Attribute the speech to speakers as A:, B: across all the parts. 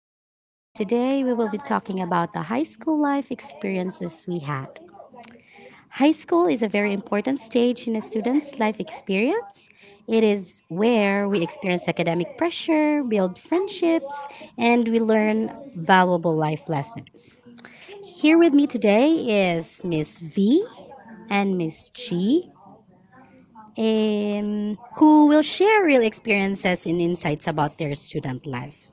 A: is A, and today we will be talking about the high school life experiences we had. High school is a very important stage in a student's life experience. It is where we experience academic pressure, build friendships, and we learn valuable life lessons. Here with me today is Miss V and Miss G, who will share real experiences and insights about their student life.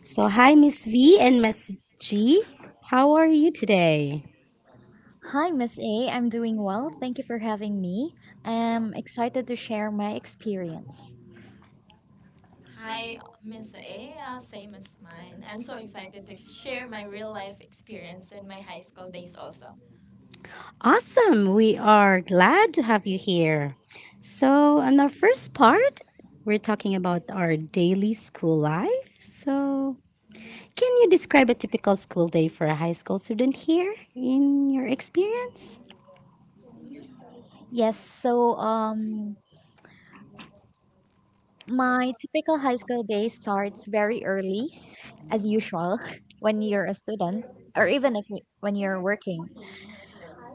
A: So, hi, Miss V and Miss G. How are you today?
B: Hi, Miss A. I'm doing well. Thank you for having me. I'm excited to share my experience.
C: Hi, Miss A. Same as mine. I'm so excited to share my real life experience in my high school days also.
A: Awesome. We are glad to have you here. So, on our first part, we're talking about our daily school life. So, can you describe a typical school day for a high school student here in your experience?
B: Yes, so my typical high school day starts very early, as usual, when you're a student, or even if when you're working.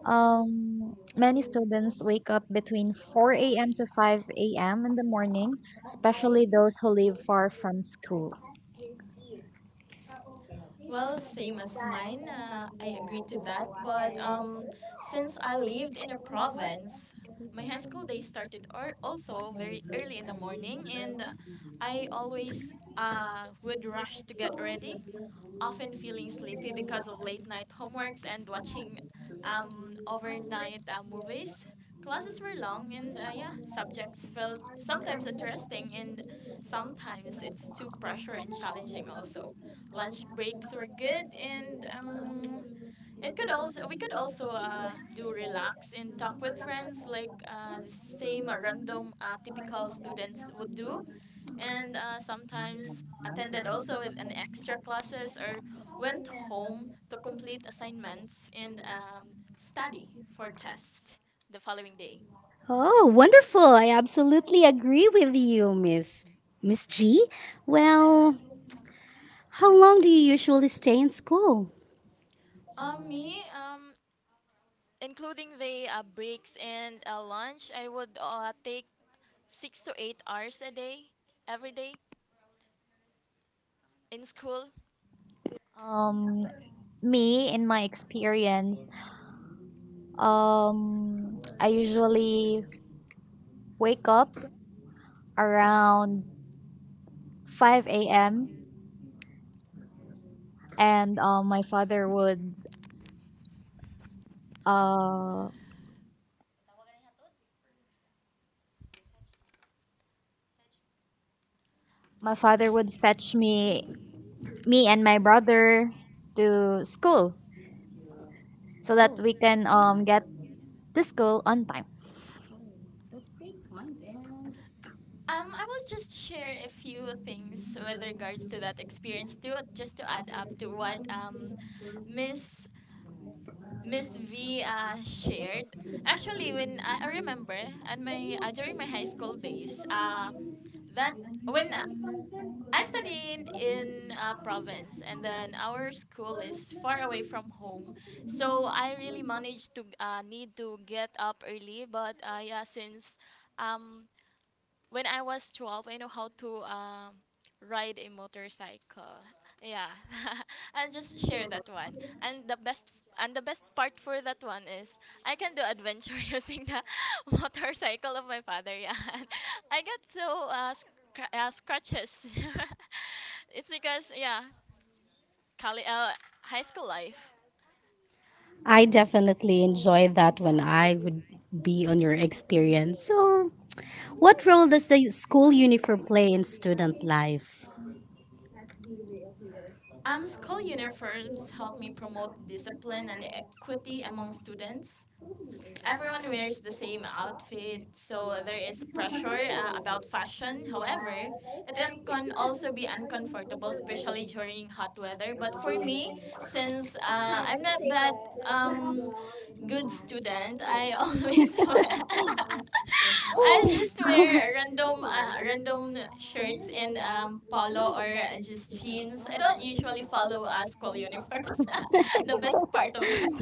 B: Many students wake up between 4 a.m. to 5 a.m. in the morning, especially those who live far from school.
C: Well, same as mine. I agree to that. But since I lived in a province, my high school days started or also very early in the morning, and I always would rush to get ready often feeling sleepy because of late night homeworks and watching overnight movies. Classes were long, and yeah, subjects felt sometimes interesting and sometimes it's too pressure and challenging. Also, lunch breaks were good, and it could also we could also do relax and talk with friends like the same random typical students would do and sometimes attended also with an extra classes or went home to complete assignments and study for tests the following day.
A: Oh, wonderful. I absolutely agree with you, Miss G. Well, how long do you usually stay in school?
C: Me, um, including the breaks and lunch, I would take 6 to 8 hours a day, every day in school.
B: Um, me, in my experience, I usually wake up around 5 a.m., and uh, my father would fetch me and my brother to school so that we can get to school on time.
C: I will just share a few things with regards to that experience too, just to add up to what Miss Miss V shared. Actually, when I remember, and my during my high school days, that when I studied in province, and then our school is far away from home, so I really managed to need to get up early. But yeah, since um when I was 12, I know how to ride a motorcycle. Yeah. I'll just share that one. And the best and the best part for that one is I can do adventure using the motorcycle of my father. Yeah. And I got so scratches. It's because yeah, colle- uh, high school life.
A: I definitely enjoy that when I would be on your experience. So, what role does the school uniform play in student life?
C: School uniforms help me promote discipline and equity among students. Everyone wears the same outfit, so there is a pressure about fashion. However, it can also be uncomfortable, especially during hot weather. But for me, since I'm not that um, good student. I always wear. I just wear random shirts and polo or just jeans. I don't usually follow school uniforms. The best part of that.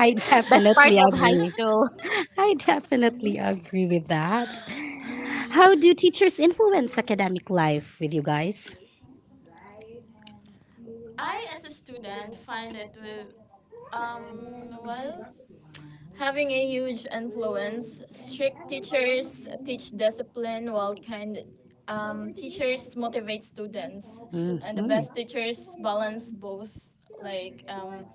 A: I
B: Best part
A: definitely
B: of high
A: agree.
B: school.
A: I definitely agree with that. How do teachers influence academic life with you guys?
C: I, as a student, find it with well, having a huge influence. Strict teachers teach discipline, while kind teachers motivate students,
A: And
C: and the best
A: Mhm.
C: teachers balance both. Like,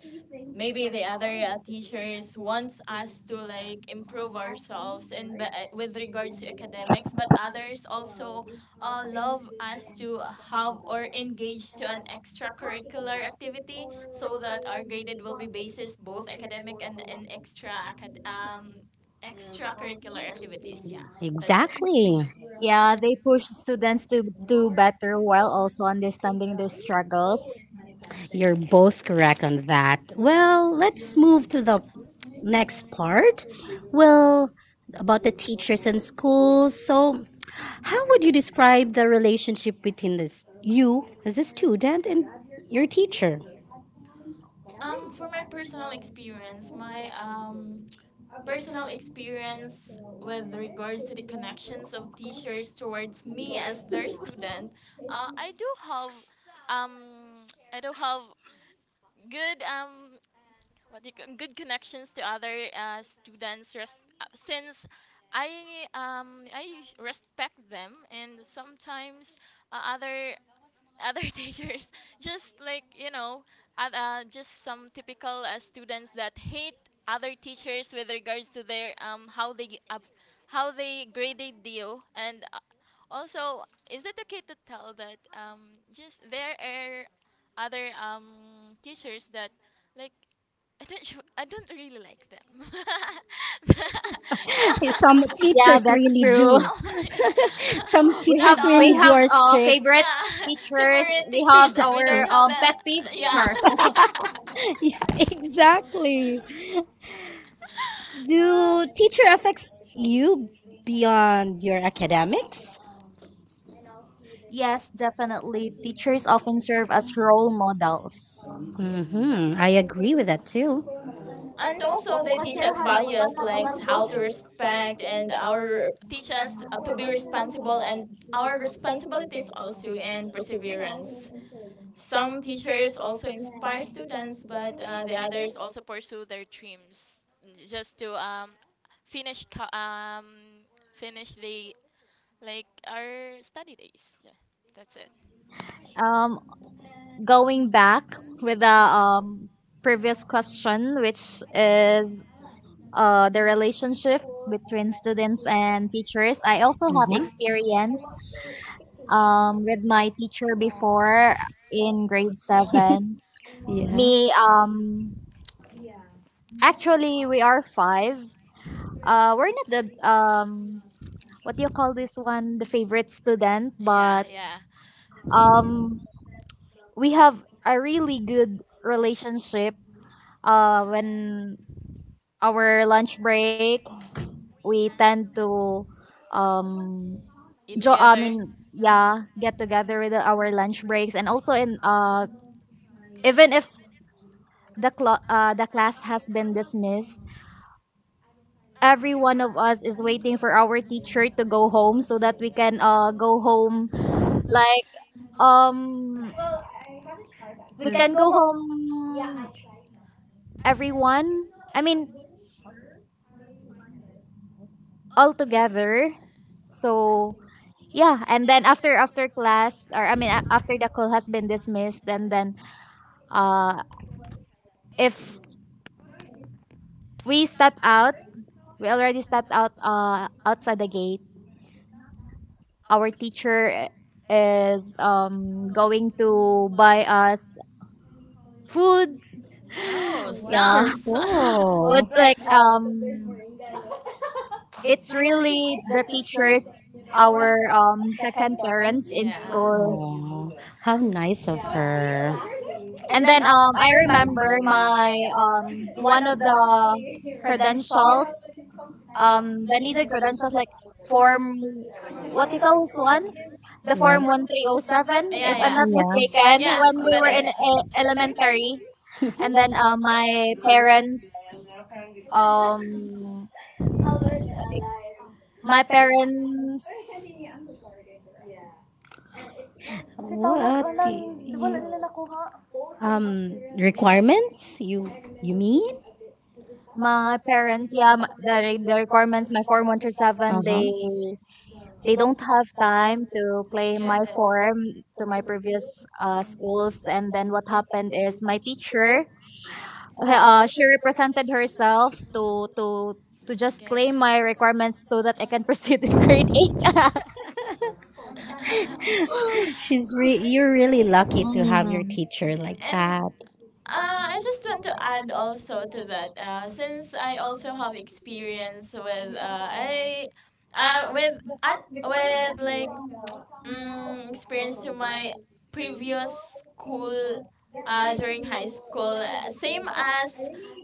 C: maybe the other teachers wants us to like improve ourselves with regards to academics but others also love us to have or engage to an extracurricular activity so that our graded will be basis both academic and in extracurricular activities, yeah, that's it.
A: Exactly.
B: Yeah, they push students to do better while also understanding their struggles.
A: You're both correct on that. Well, let's move to the next part. Well, about the teachers and schools. So, how would you describe the relationship between this you as a student and your teacher?
C: For my personal experience, my personal experience with regards to the connections of teachers towards me as their student, I do have um I do have good what do you ca- good connections to other students since I I respect them, and sometimes uh, other other teachers just like just some typical students that hate other teachers with regards to their how they graded you, and also, is it okay to tell that just there are other teachers that like I don't really like them. Yeah.
A: Some
B: Yeah,
A: teachers
B: that's
A: really
B: true.
C: So,
A: do.
C: yeah.
A: Some
B: We
C: Not
B: have
A: teachers
C: all.
A: really
B: we
A: do
B: have
A: are
B: uh,
A: strict.
B: favorite
C: Yeah.
B: teachers.
C: Favorite
B: We have
C: teachers, and we
A: Exactly.
B: our
C: don't have that.
B: pet peeve
C: Yeah.
B: teacher.
A: Yeah, exactly. Do
C: Uh,
A: teacher affects you beyond your academics?
B: Yes, definitely. Teachers often serve as role models.
A: I agree with that too.
C: and also they teach us values like how to respect and our teach us to be responsible and our responsibilities also and perseverance. Some teachers also inspire students, but the others also pursue their dreams just to finish co- um, finish the like our study days. Yeah, that's it.
B: Um, going back with the previous question, which is the relationship between students and teachers. I also have
A: Mhm.
B: experience with my teacher before in grade 7. Me,
A: Yeah.
B: actually, we are five, we're not the um what do you call this one, the favorite student,
C: Yeah,
B: but
C: yeah.
B: um we have a really good relationship when our lunch break, we tend to um
C: Eat
B: jo- i
C: together.
B: mean yeah, get together with our lunch breaks, and also in even if the class has been dismissed. Every one of us is waiting for our teacher to go home so that we can go home, like Um, we can go home, everyone. I mean, all together. So yeah, and then after class, or I mean, after the call has been dismissed. And then uh, if we step out, we already stepped out outside the gate. Our teacher is going to buy us foods.
C: Oh,
B: Yeah,
C: snacks.
A: Wonderful.
B: foods. It's really the teachers, our second parents in
C: Yeah.
B: school.
A: Aw, how nice of her.
B: And then I remember my one of the credentials, the needed credentials, like form, what do you call this one? The form
A: Wow.
B: one three oh seven,
C: Yeah,
B: if I'm
C: yeah.
B: not mistaken,
A: Yeah.
C: Yeah,
B: when we
C: that
B: were
C: is.
B: in elementary. And then um, my parents
A: What you, um
C: Did not get it.
A: requirements? You mean?
B: my parents, yeah, the requirements, my form one through
A: Uh
B: seven,
A: huh.
B: they don't have time to claim my
C: Get it.
B: form to my previous schools. And then what happened is my teacher, she represented herself to to just claim my requirements so that I can proceed in grade eight.
A: You're really lucky
C: and
A: to have your
B: Mm.
A: teacher like that.
C: uh, I just want to add also to that since I also have experience with I with at with like experience to my previous school during high school, same as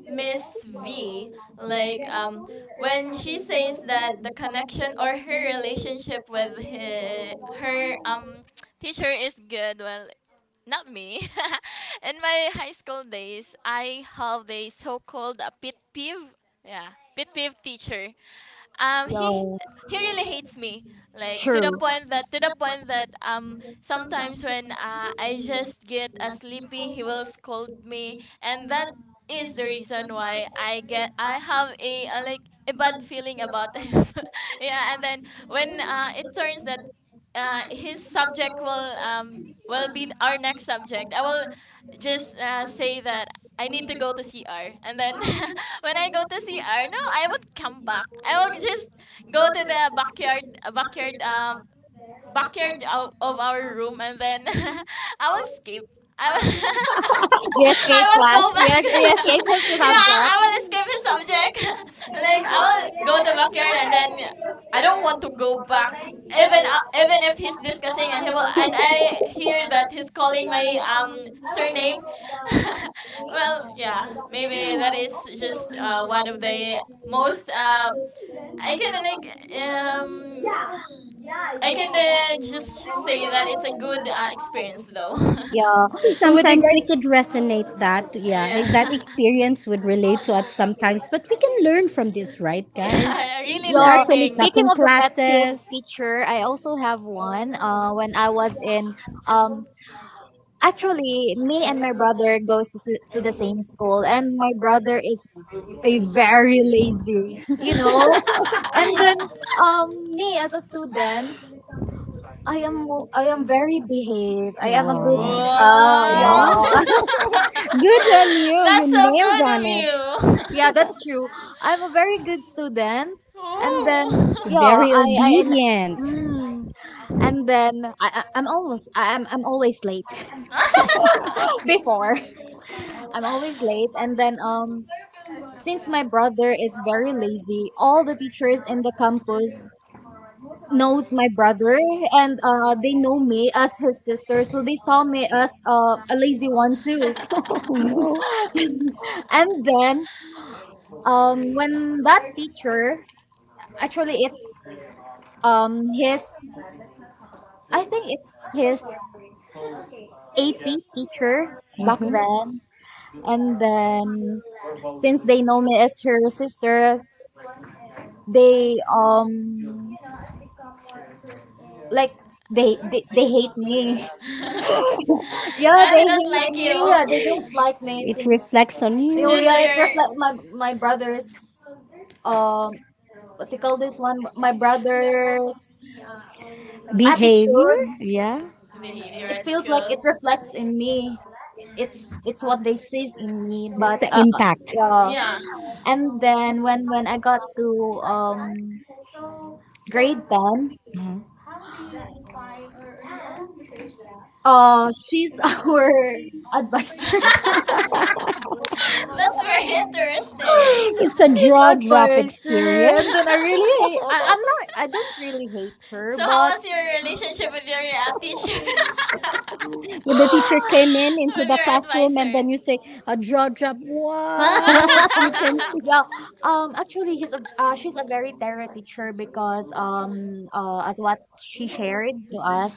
C: Miss V. Like, when she says that the connection or her relationship with her teacher is good, well, not me. In my high school days, I have a so-called a pet peeve. Yeah, pet peeve teacher. um
B: Yo,
C: he he really hates me, like, to the
B: true.
C: point that to the point that sometimes when I just get a sleepy, he will scold me. And that is the reason why I have a, like a bad feeling about him, yeah. And then when it turns that his subject will be our next subject, I will just say that I need to go to CR. And then when I go to CR, no, I won't come back. I will just go to the backyard of our room, and then I will skip. I will,
B: You
C: I
B: escape
C: won't go
B: class. You,
C: back.
B: es- you escape his
C: Yeah, I will escape
B: subject.
C: the subject. Like, I will go to backyard and then I don't want to go back. Even if he's discussing, and I hear that he's calling my surname. Well, yeah, maybe that is just one of the most, I can like um I can then just say that it's a good experience though.
B: Yeah.
A: So
B: So with
A: sometimes we
B: regards,
A: could resonate that, yeah,
C: Yeah.
A: that experience would relate to us sometimes, but we can learn from this, right,
C: Yeah,
A: guys?
C: I really
A: We're
B: yeah.
A: actually
C: learning.
B: Speaking
A: cutting
B: of the pet peeve
A: classes.
B: feature, I also have one. When I was in, um, actually, me and my brother goes to, to the same school, and my brother is a very lazy. And then, me as a student, I am I am very behaved. I am a good.
A: Wow.
B: Ah,
C: Whoa.
A: Wow.
B: yeah.
A: Good on you. You
C: That's so
A: nailed
C: good
A: on
C: of
A: it.
C: you.
B: Yeah, that's true. I'm a very good student, and then yeah,
A: Very
B: I and
A: obedient.
B: mm, and then I- I'm almost I- I'm always late. Before, I'm always late, and then since my brother is very lazy, all the teachers in the campus knows my brother, and they know me as his sister, so they saw me as a lazy one
C: Ooh.
B: too. And then when that teacher, actually it's his I think it's his AP teacher back
A: hmm
B: then. And then since they know me as her sister, they like they hate me. Yeah,
C: And they
B: they
C: don't
B: hate
C: like
B: me.
C: you
B: Yeah, they don't like me since.
A: reflects on
B: Oh
C: due
A: you.
C: to
B: yeah, it
C: your
B: reflect my brother's, um what they call this one, my brother's attitude.
A: Yeah.
C: behavior
B: It
C: at
B: feels like
C: school.
B: it reflects in me. It's what they sees in me, but
A: That's
B: yeah.
C: Yeah.
B: And then when I got to um grade 10,
A: Mhm.
B: she's our advisor.
C: That's very interesting.
A: It's a
B: She's
A: draw drop
B: advisor.
C: so
B: And
A: experience.
B: then I really hate, I, I'm not I don't really hate her,
C: so how
B: but
C: was your relationship with your teacher?
A: When the teacher came in into
C: With
A: the
C: your
A: classroom and
C: advisor?
A: then you say a draw drop. What?
B: yeah. Actually he's a she's a very terror teacher because as what she shared to us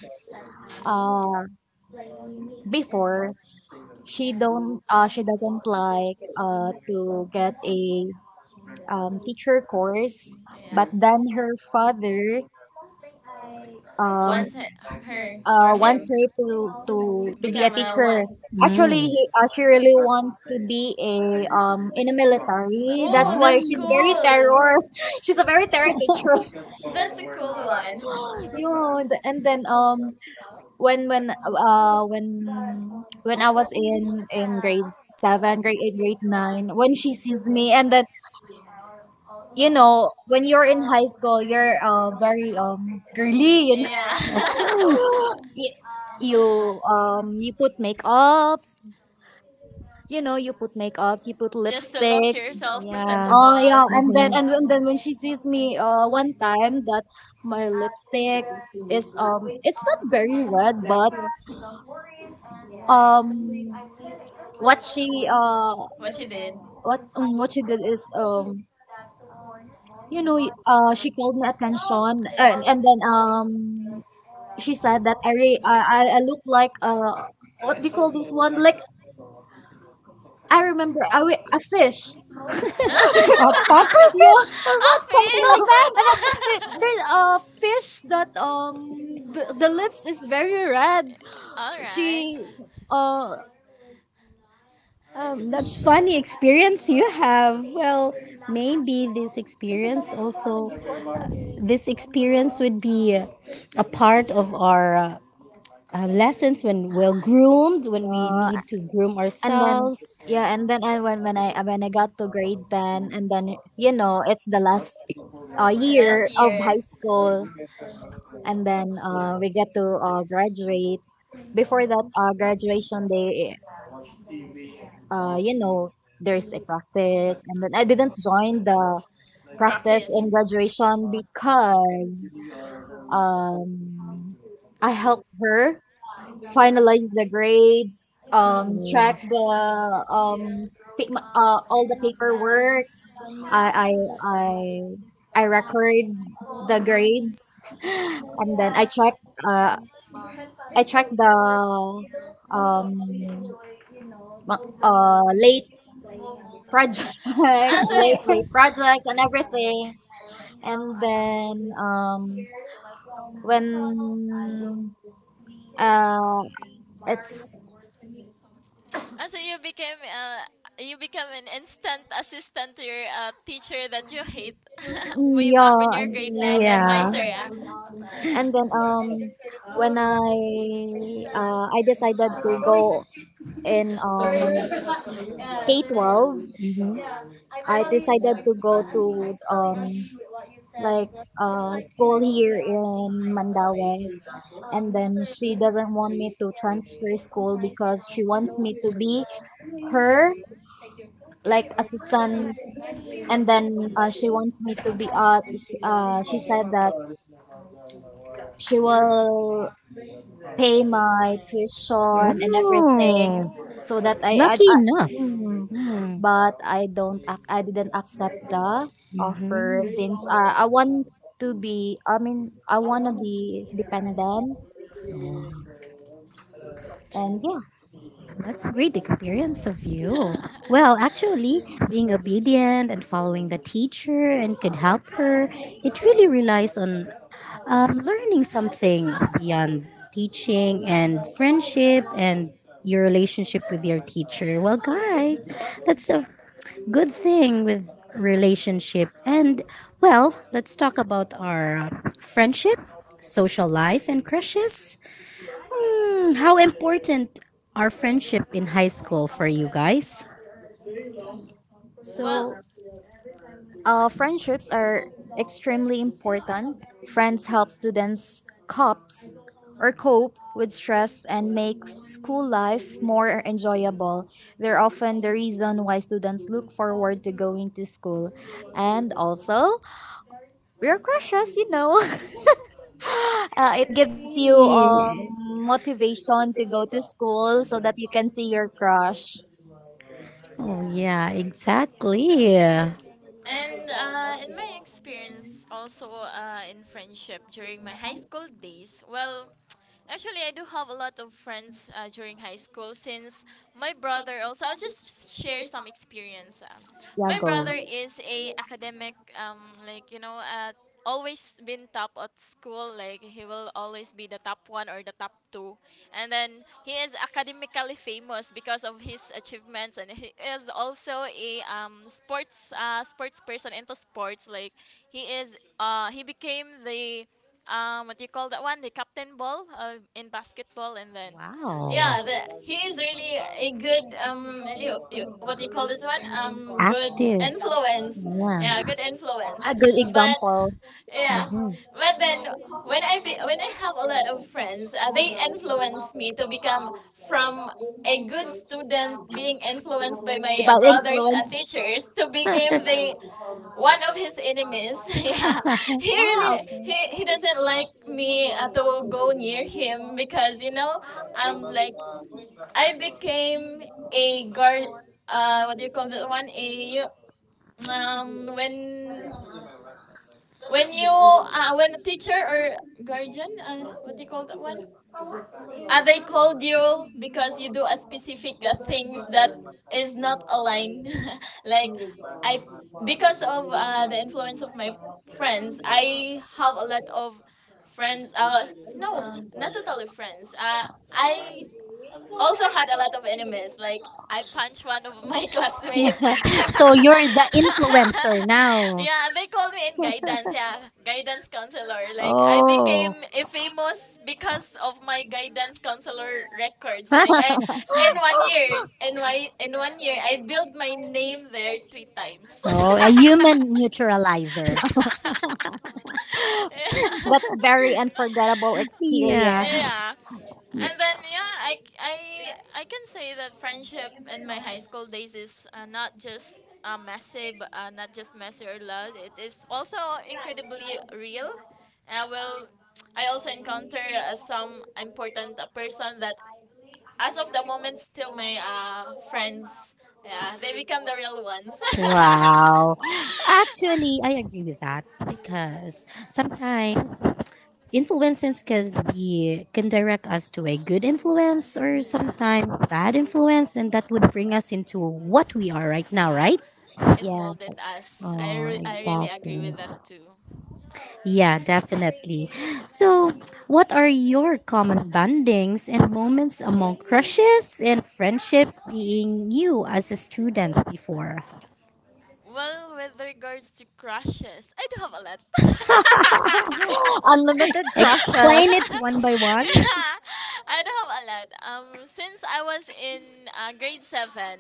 B: uh before, she doesn't like, to get a teacher course, but
C: Yeah.
B: then her father um,
C: Once her or him
B: wants her to, to be a
C: become a
B: teacher.
C: one.
B: Actually
A: Yeah,
B: she really wants to be a, in a military, that's
C: Oh,
B: why
C: that's
B: she's very
C: cool.
B: terror. She's a very terror teacher.
C: That's a cool one.
B: yun, and then when I was in grade 7, grade 8, grade 9, when she sees me. And then, when you're in high school, you're very girly.
C: Yeah.
A: military.
B: Y- You um you put makeups, you you put makeups, you put
C: Just to look
B: lipsticks.
C: yourself
A: Yeah.
B: Oh
C: presentable.
B: yeah, and then when
A: Mm-hmm.
B: she sees me, one time, that my lipstick is it's not very red, but um what she uh
C: What she did.
B: what she did is, she called my attention,
C: Yeah.
B: and then she said that I re- I look like, what do you call this one? Like, I remember, a fish.
A: A
C: A
A: puffer
B: you
A: fish or what? Something
B: no,
C: fish.
A: like that?
B: and then there's a fish that, the lips is very red.
C: All right.
B: She, uh,
A: That's funny experience you have. Well, maybe this experience also, this experience would be a part of our lessons when well groomed, when we
B: uh
A: need to groom
B: and then
A: ourselves.
B: yeah, and then I when I got to grade 10, and then it's the last year
C: Last
B: of
C: year,
B: high school, and then we get to graduate. Before that graduation day, uh, you know, there's a practice, and then I didn't join the practice
C: practice.
B: in graduation because, um, I helped her finalize the grades, check the, all the paperwork. I I I I record the grades, and then uh, I check the um late projects,
C: Ah, so
B: late
C: you,
B: projects, and everything. And then when uh, it's
C: ah, so you became you become an instant assistant to your teacher that you hate way
B: yeah,
C: back when you're grade nine, the
A: Yeah.
C: advisor. Ah.
B: and then, when I decided to go in K-12.
A: Mhm.
B: I decided to go to, um like school here in Mandaue, and then she doesn't want me to transfer school because she wants me to be her, like, assistant. And then she wants me to be, she said that she will pay my tuition and everything
A: Wow.
C: Oh.
B: so that, I I,
A: Lucky
B: I
A: enough. Yes,
B: hmm.
A: Mm.
B: But I don't ac- I didn't accept the
A: 1st
B: offer since,
A: Mm-hmm. To.
B: I mean, I want to be dependent. And yeah,
A: That's a great experience of you. Well, actually, being obedient and following the teacher and could help her, it really relies on learning something beyond teaching and friendship and your relationship with your teacher. Well, guys, that's a good thing with relationship. And, well, let's talk about our friendship, social life, and crushes. How important are friendship in high school for you guys?
C: Well,
B: so. Friendships are extremely important. Friends help students copes or cope with stress and make school life more enjoyable. They're often the reason why students look forward to going to school. And also, your crushes, you know. It gives you
A: Really?
B: motivation to go to school so that you can see your crush.
A: Oh, yeah, exactly.
C: and in my experience, also in friendship during my high school days, well, actually, I do have a lot of friends during high school since my brother also. I'll just share some experience.
B: Yeah,
C: My
B: go.
C: brother is a academic, like, always been top at school. Like, he will always be the top one or the top two, and then he is academically famous because of his achievements, and he is also a sports person into sports. Like he became the what do you call that one, the captain ball in basketball. And then
A: Yeah,
C: yeah,
A: wow.
C: he is really a good what do you call this one, good influence,
A: Yeah.
C: yeah, good influence.
B: A good
C: But
B: example.
C: yeah,
A: Mhm.
C: but then when I have a lot of friends, they influence me to become from a good student being influenced by my
B: About
C: brothers and
B: influence.
C: teachers to become the one of his enemies, yeah. he really
B: Ah, okay.
C: he doesn't like me to go near him, because you know, like, I became a guard, what do you call that one, you, um when when a teacher or guardian, what do you call that one, they called you because you do a specific things that is not aligned. Like, I, because of the influence of my friends, I have a lot of friends. No, not totally friends. I also had a lot of enemies. Like, I punched one of my classmates. Yeah,
A: So you're the influencer now.
C: they called me in guidance. Yeah, guidance counselor. Like, I became a famous because of my guidance counselor records. Like, I, in one year, in my in one year, I built my name there three times.
A: So a human neutralizer.
C: Yeah.
B: That's very unforgettable
A: Yeah.
B: experience.
C: Yeah. And then yeah, I can say that friendship in my high school days is not just messy, but not just messy or loud. It is also incredibly real. Well, I also encounter some important person that, as of the moment, still my friends. Yeah, they become the real ones.
A: Wow. Actually, I agree with that because sometimes influences can direct us to a good influence or
C: Yeah,
A: sometimes bad influence and that would bring us into what we are right now,
C: yeah.
A: right?
C: It
B: Yeah.
C: molded us.
A: Oh,
C: I really agree with that
A: exactly.
C: too.
A: Yeah, definitely. So what are your common bondings and moments among crushes and friendship being you as a student before?
C: Well, with regards to crushes, I do have a lot.
B: Unlimited crushes.
A: Playing it one by one
C: Yeah, I do have a lot. Since I was in grade seven,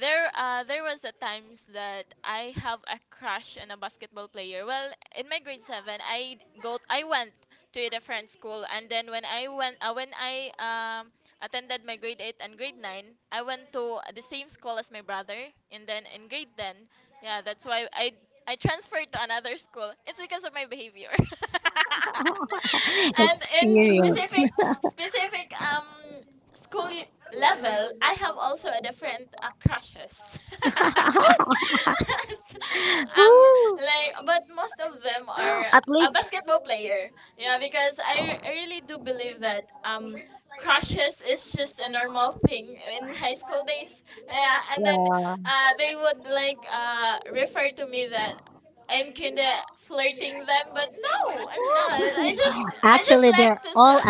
C: there was a times that I have a crush on a basketball player. Well, in my grade seven, I went to a different school, and then when I went when I attended my grade eight and grade nine, I went to the same school as my brother, and then in grade ten, yeah, that's why I transferred to another school. It's because of my behavior. And in
A: experience.
C: specific school level, I have also a different crushes. um like, but most of them are
B: At
C: a
B: least,
C: basketball player. Yeah, because I really do believe that crushes is just a normal thing in high school days. Yeah, and then
B: yeah.
C: they would like refer to me that I'm kinda flirting them, but no, I'm not. I just
A: Actually they're
C: like to
A: all
C: see.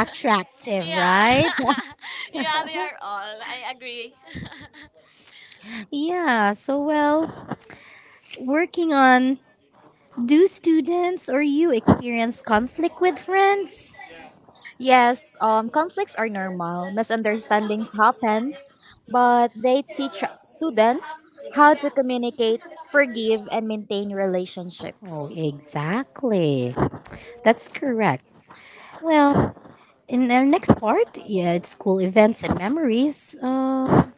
C: Yeah,
A: right?
C: yeah, they are all. I agree.
A: Yeah, so well, working on, do students or you experience conflict with friends?
B: Yes, conflicts are normal. Misunderstandings happens, but they teach students how to communicate, forgive, and maintain
A: Oh,
B: relationships.
A: exactly. That's correct. Well, in our next part, yeah, it's school events and memories.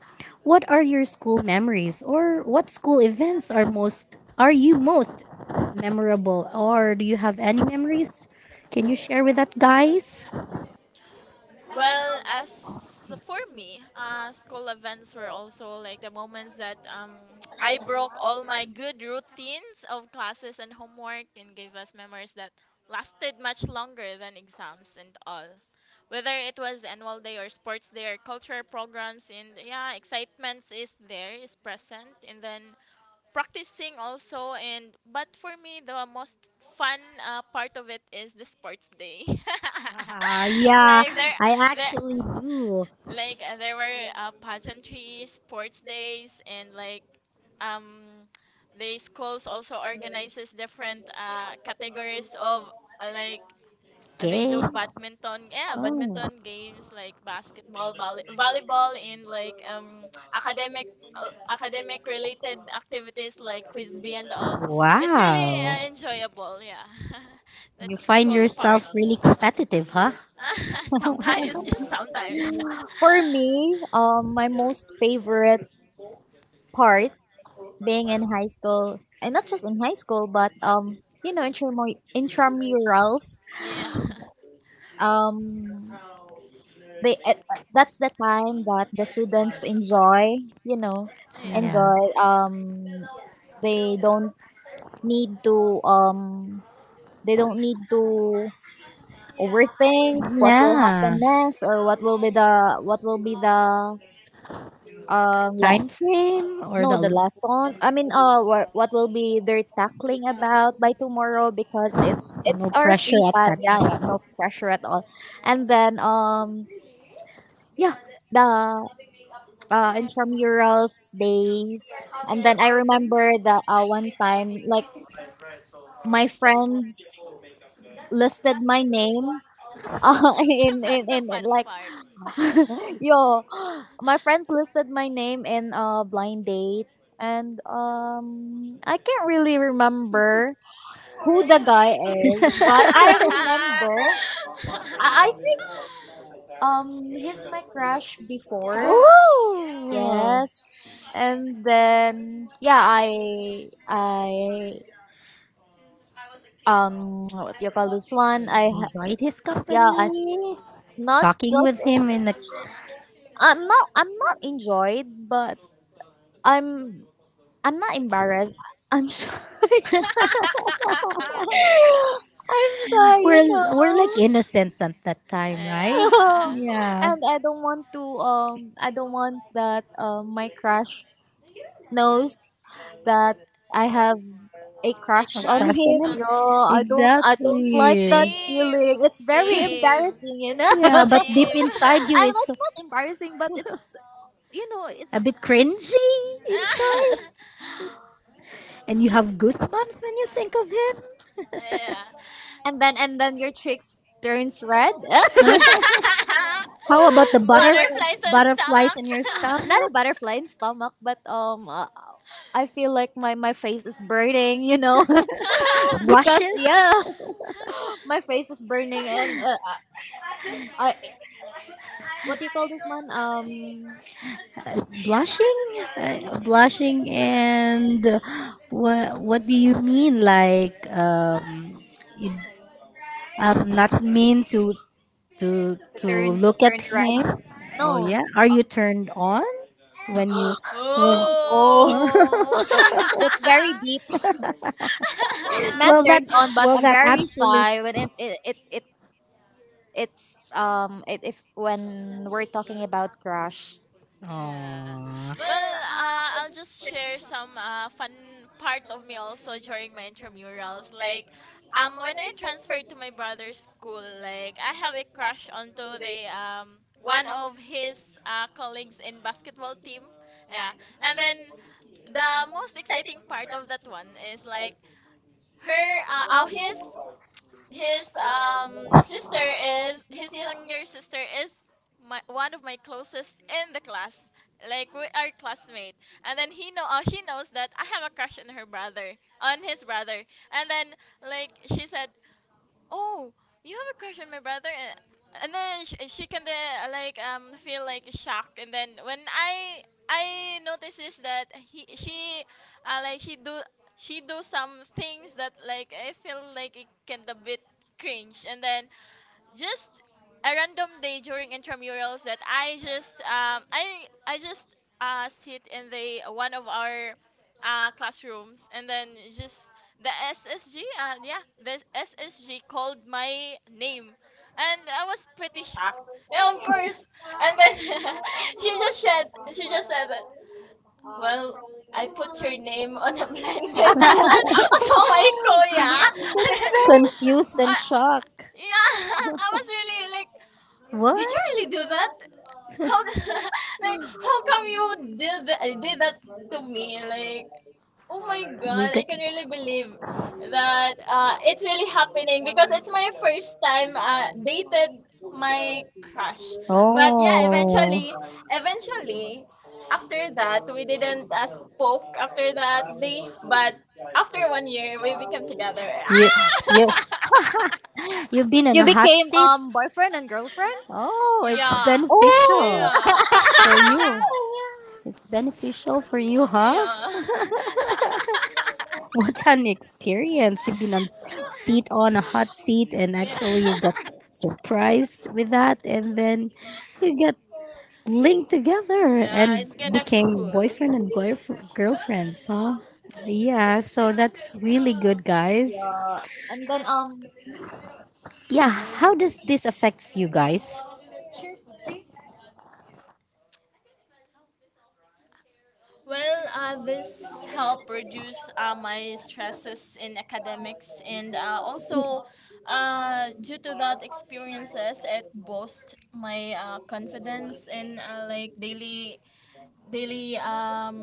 A: What are your school memories or what school events are you most memorable or do you have any memories? Can you share with that, guys?
C: Well, as for me, school events were also like the moments that I broke all my good routines of classes and homework and gave us memories that lasted much longer than exams and all. Whether it was annual day or sports day or cultural programs, and yeah, excitement is there, is present, and then practicing also, and but for me the most fun part of it is the sports day.
A: Yeah,
C: Like there
A: I
C: there
A: actually do.
C: like there were pageantry sports days, and like um the schools also organizes different categories of like they
A: Okay.
C: do badminton, yeah,
A: Oh.
C: badminton games like basketball, volley, volleyball, and like academic academic related activities like quiz bee and all. It's really
A: Wow.
C: enjoyable, yeah.
A: You
C: That's
A: find
C: cool
A: yourself
C: part.
A: really competitive, huh?
C: Sometimes, just sometimes.
B: For me, my most favorite part being in high school, and not just in high school, but, intramurals.
C: yeah.
B: Um, they that's the time that the students enjoy. You know,
C: Yeah.
A: Yeah.
B: enjoy. They don't need to um they don't need to overthink what will
A: Yeah.
B: happen next, or what will be the, um la-
A: Time frame or
B: no, the
A: the,
B: lessons, I mean, what will be their tackling about by tomorrow, because it's
A: so no
B: it's our
A: pressure
B: free time.
A: at
B: Yeah, yeah, no pressure at all. And then yeah, the intramurals days. And then I remember that, one time, like, my friends listed my name, uh,
C: That's the fun
B: like
C: part.
B: yo, my friends listed my name in a blind date. And I can't really remember who the guy is, but I
A: that.
B: remember, I think he's my crush before.
A: Ooh.
B: Yes. And then yeah, I what do you call this one?
A: Enjoyed his
B: Yeah,
A: company.
B: not
A: Talking
B: just
A: with him
B: uh,
A: in the
B: I'm not enjoyed, but I'm I'm not embarrassed. I'm shy. I'm shy, you
A: We're like
B: know.
A: innocent at that time, right?
C: yeah.
A: Yeah.
B: And I don't want that my crush knows that I have a
C: It
B: crush
A: Of
B: on
C: crashed
B: him.
C: on
B: No,
C: him.
B: I don't like
A: exactly.
B: that
C: Same,
B: feeling. It's very
C: same,
B: embarrassing.
A: Yeah, but deep
C: same.
A: inside you,
B: I'm
A: it's
B: it's not embarrassing, but it's,
A: a
B: it's,
A: bit cringy inside, and you have goosebumps when you think of it.
C: Yeah.
B: and then your cheeks turns red. Wait,
A: Huh? How about the
B: wait, wait.
C: Butterflies on
A: butterflies
C: stomach.
A: in your
B: Not a
A: stomach?
B: butterfly in stomach, but, I feel like my face is burning. Because
A: Blushes,
B: yeah, my face is burning, and, I what do you call this one? Um,
A: blushing, and what do you mean? Like you, I'm not mean to
B: to turn to
A: look at
B: turn red.
A: him. Oh
B: No,
A: yeah, are you turned on when you?
B: oh, that's very deep. Not
A: Well, that,
B: turned on, but I'm very
A: abs.
B: shy when it.
C: Ooh.
B: it it's if when we're talking about crush.
C: Yeah.
A: Aw.
C: Well, I'll just share some fun part of me also during my intramurals. Like, when I transferred to my brother's school, like I have a crush onto the one of his colleagues in basketball team. Yeah. And then the most exciting part of that one is like her his sister is, his younger sister is my one of my closest in the class. Like we are classmate, and then he know she knows that I have a crush on her brother, on his brother. And then like she said, oh, you have a crush on my brother. And then she can like feel like shocked, and then when I notices that he she like she do some things that like I feel like it can a bit cringe, and then just a random day during intramurals that I just I just sit in the one of our classrooms, and then just the SSG yeah, the SSG called my name, and I was pretty shocked, yeah, of course. And then she just said that, well, I put your name on a blended on my kuya.
B: it's very.
A: Confused and
C: Uh,
A: shocked.
C: yeah, I was really like,
A: What?
C: did you really do that? How like how come did that to me? Like, oh
A: Oh my you
C: my
A: god, I get
C: god, I can
A: can
C: really
A: really
C: believe
A: believe.
C: that it's really happening because it's my first time dated my crush.
A: But
C: But
A: yeah,
C: yeah,
A: oh
C: eventually,
A: eventually,
C: eventually, after that, we didn't spoke after that day, but after one year, we became together.
A: you you
C: Ah!
A: you've been in you
B: You
A: a hot
B: became
A: became seat.
B: boyfriend and girlfriend.
A: Oh, yeah. It's yeah,
C: yeah.
A: beneficial
B: Oh.
C: Yeah.
A: for you. It's beneficial for you, huh?
C: yeah.
A: Yeah. What an experience! You've been on s- seat on a hot seat, and
C: yeah.
A: actually you got surprised with that, and then you get linked together. Yeah, and
C: Yeah, it's
A: it's kind of
C: kinda
A: became cool.
C: cool.
A: Boyfriend and girlfriends, huh? Yeah, so that's really good, guys.
B: Yeah. And then,
A: Yeah, how does this affects you guys?
C: Well, this helped reduce my stresses in academics, and also due to that experiences, it boosts my confidence in like daily daily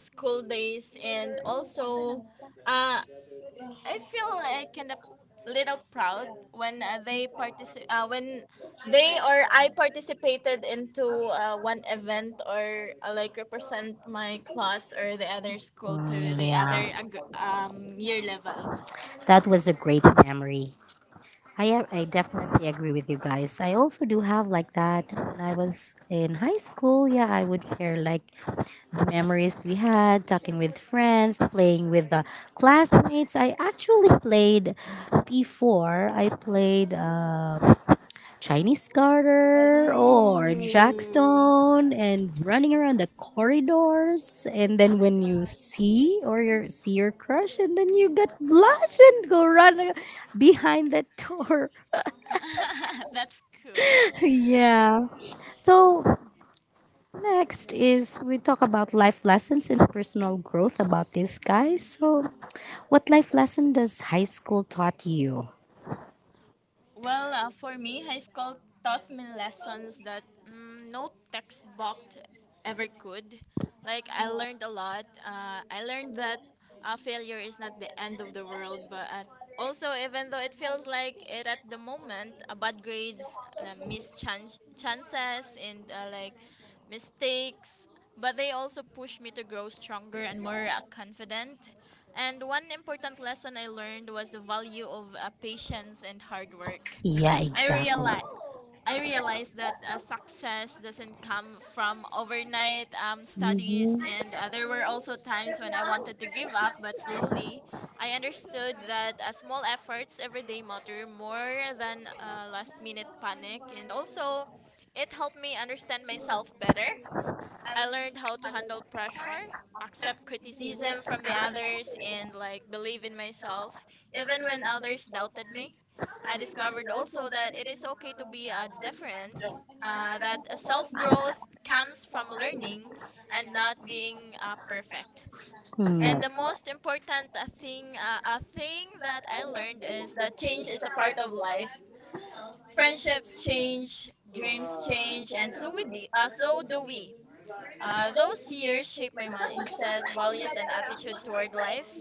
C: school days, and also uh, I feel like kind of little proud when when they or I participated into one event or like represent my class or the other school to
A: Mm,
C: the
A: yeah,
C: other year level.
A: that was a great memory. I definitely agree with you guys. I also do have like that. When I was in high school, yeah, I would share like the memories we had, talking with friends, playing with the classmates. I actually played before. I played. Chinese garter or
C: Ooh,
A: jackstone and running around the corridors and then when you see or you see your crush and then you get blush and go behind that door.
C: that's cool.
A: Yeah, so next is we talk about life lessons and personal growth about this guy. So what life lesson does high school taught you?
C: Well, for me, high school taught me lessons that no textbook ever could. Like, I learned a lot. I learned that failure is not the end of the world, but at also, even though it feels like it at the moment, bad grades, missed chances, and like mistakes, but they also push me to grow stronger and more confident. And one important lesson I learned was the value of patience and hard work.
A: Yeah,
C: I
A: exactly.
C: realized I realized that success doesn't come from overnight studies,
A: Mhm.
C: and there were also times when I wanted to give up, but slowly I understood that small efforts every day matter more than last minute panic. And also it helped me understand myself better. I learned how to handle pressure, accept criticism from the others, and like believe in myself, even when others doubted me. I discovered also that it is okay to be different, that a self growth comes from learning and not being perfect. And
A: Mm.
C: the most important a thing that I learned is that change is a part of life. Friendships change, dreams change, and so do we. Those years shaped my mindset, values, and attitude toward life.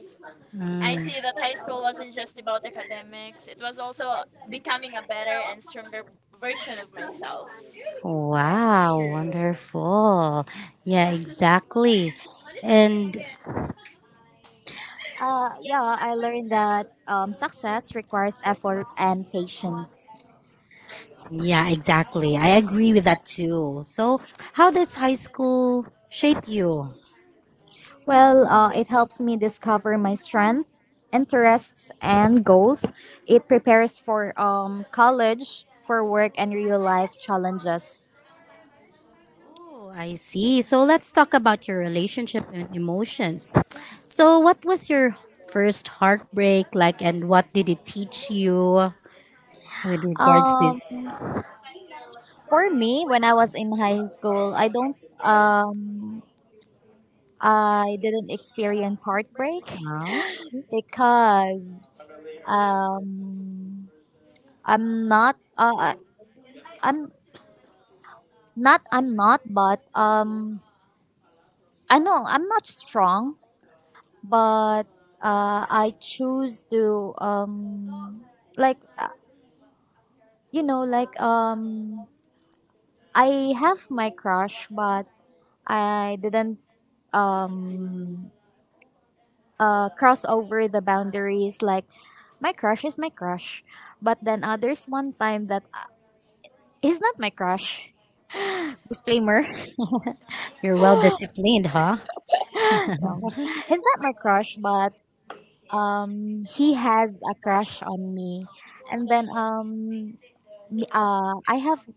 C: I
A: Mm.
C: see that high school wasn't just about academics, it was also becoming a better and stronger version of myself.
A: Wow, wonderful. Yeah, exactly. And
B: yeah, I learned that success requires effort and patience.
A: yeah, exactly. I agree with that too. So, how does high school shape you?
B: Well, it helps me discover my strength, interests and goals. It prepares for college, for work and real life challenges.
A: Oh, I see. So, let's talk about your relationship and emotions. So, what was your first heartbreak like, and what did it teach you with regards to
B: Um
A: this?
B: for me, when I was in high school, um I didn't experience heartbreak
A: Oh,
B: because um I'm not. I I'm not I'm not, but I know I'm not strong, but I choose to, like, like, I have my crush, but I didn't, um cross over the boundaries, like my crush is my crush, but then others one time that, he's not my crush. disclaimer.
A: you're well disciplined, huh?
B: um, he's not my crush, but he has a crush on me. And then, I have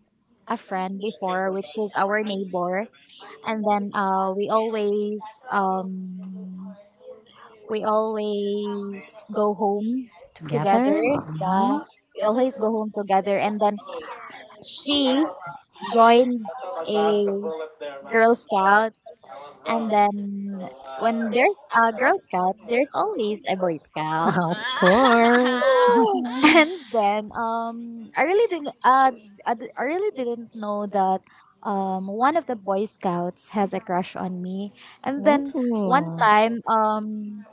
B: a friend before, which is our neighbor, and then, we always, um we always go home
A: Together?
B: together. Yeah,
A: Mhm.
B: we always go home together, and then she joined a Girl Scout. And then when there's a Girl Scout, there's always a Boy Scout.
A: Of course.
C: Ah.
B: and then, I really didn't know that one of the Boy Scouts has a crush on me. And then one
A: Ooh.
B: time, um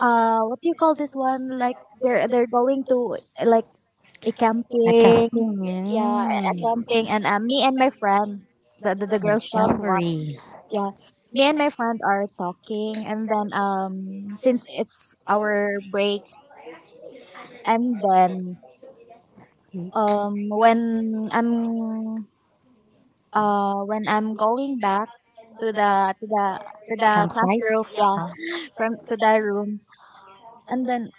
B: uh what do you call this one, like, they're going to, like, a camping.
A: Accounting.
B: Yeah, a
A: Mm.
B: camping. And, me and my friend, the Girl Scout one,
A: Jamboree.
B: yeah, me and my friend are talking. And then, since it's our break, and then, um when I'm when I'm going back to the
A: Campsite.
B: classroom, yeah,
A: Huh?
B: from to the room. And then,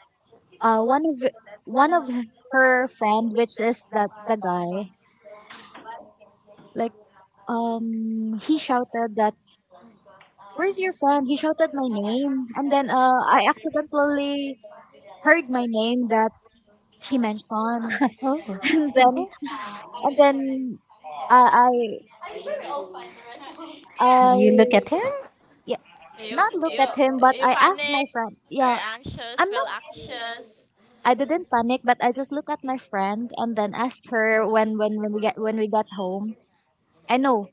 B: uh one of one of her friend, which is that the guy, like, he shouted that where's your friend, he shouted my name. And then, I accidentally heard my name that he mentioned. and then
A: Oh,
B: and then I I I
A: you look at him?
B: yeah,
C: you,
B: not look
C: you,
B: at him, but
C: you
B: I asked my
C: panic
B: friend.
C: or
B: Yeah,
C: anxious,
B: I'm
C: feel
B: not.
C: anxious,
B: I didn't panic, but I just look at my friend and then ask her when we get, when we get home. I know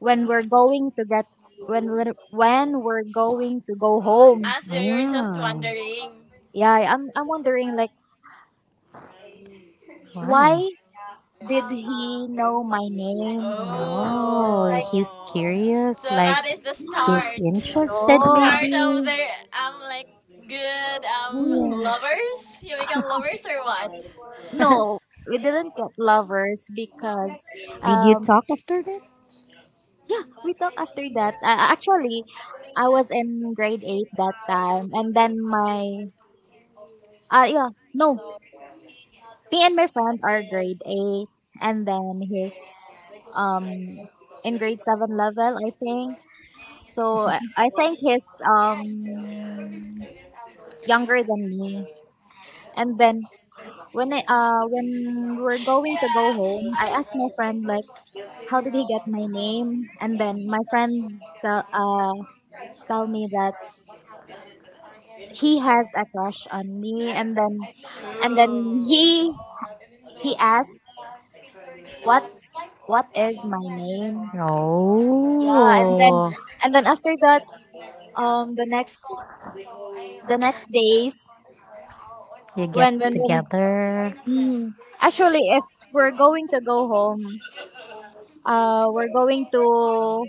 B: when we're going to get when we're going to go home.
C: as you're just
A: Mm.
C: wondering.
B: Yeah, I'm wondering, like, why
A: Why?
B: did he know my name?
A: Oh,
B: Like,
A: he's
C: Oh,
A: curious.
C: so
A: Like,
C: that is the
A: he's
C: start,
A: interested,
B: no.
C: start
A: maybe.
C: of the like good
B: Mm,
A: Yeah.
C: lovers. You become lovers or what?
B: no, we didn't get lovers because,
A: Did you
B: um
A: talk after that?
B: yeah, we talk after that. Actually, I was in grade 8 that time. And then my, yeah, no, me and my friend are grade 8. And then he's, um, in grade 7 level, I think. So I think he's, younger than me. And then, when we're going to go home, I asked my friend, like, how did he get my name? And then my friend tell me that he has a crush on me. And then
C: Ooh.
B: he asked what's what is my name. Yeah, and then
A: Oh,
C: Ah,
B: and then after that, um the next the next days,
A: you
B: when
A: get
B: when, when
A: together,
B: mm, actually if we're going to go home, we're going to,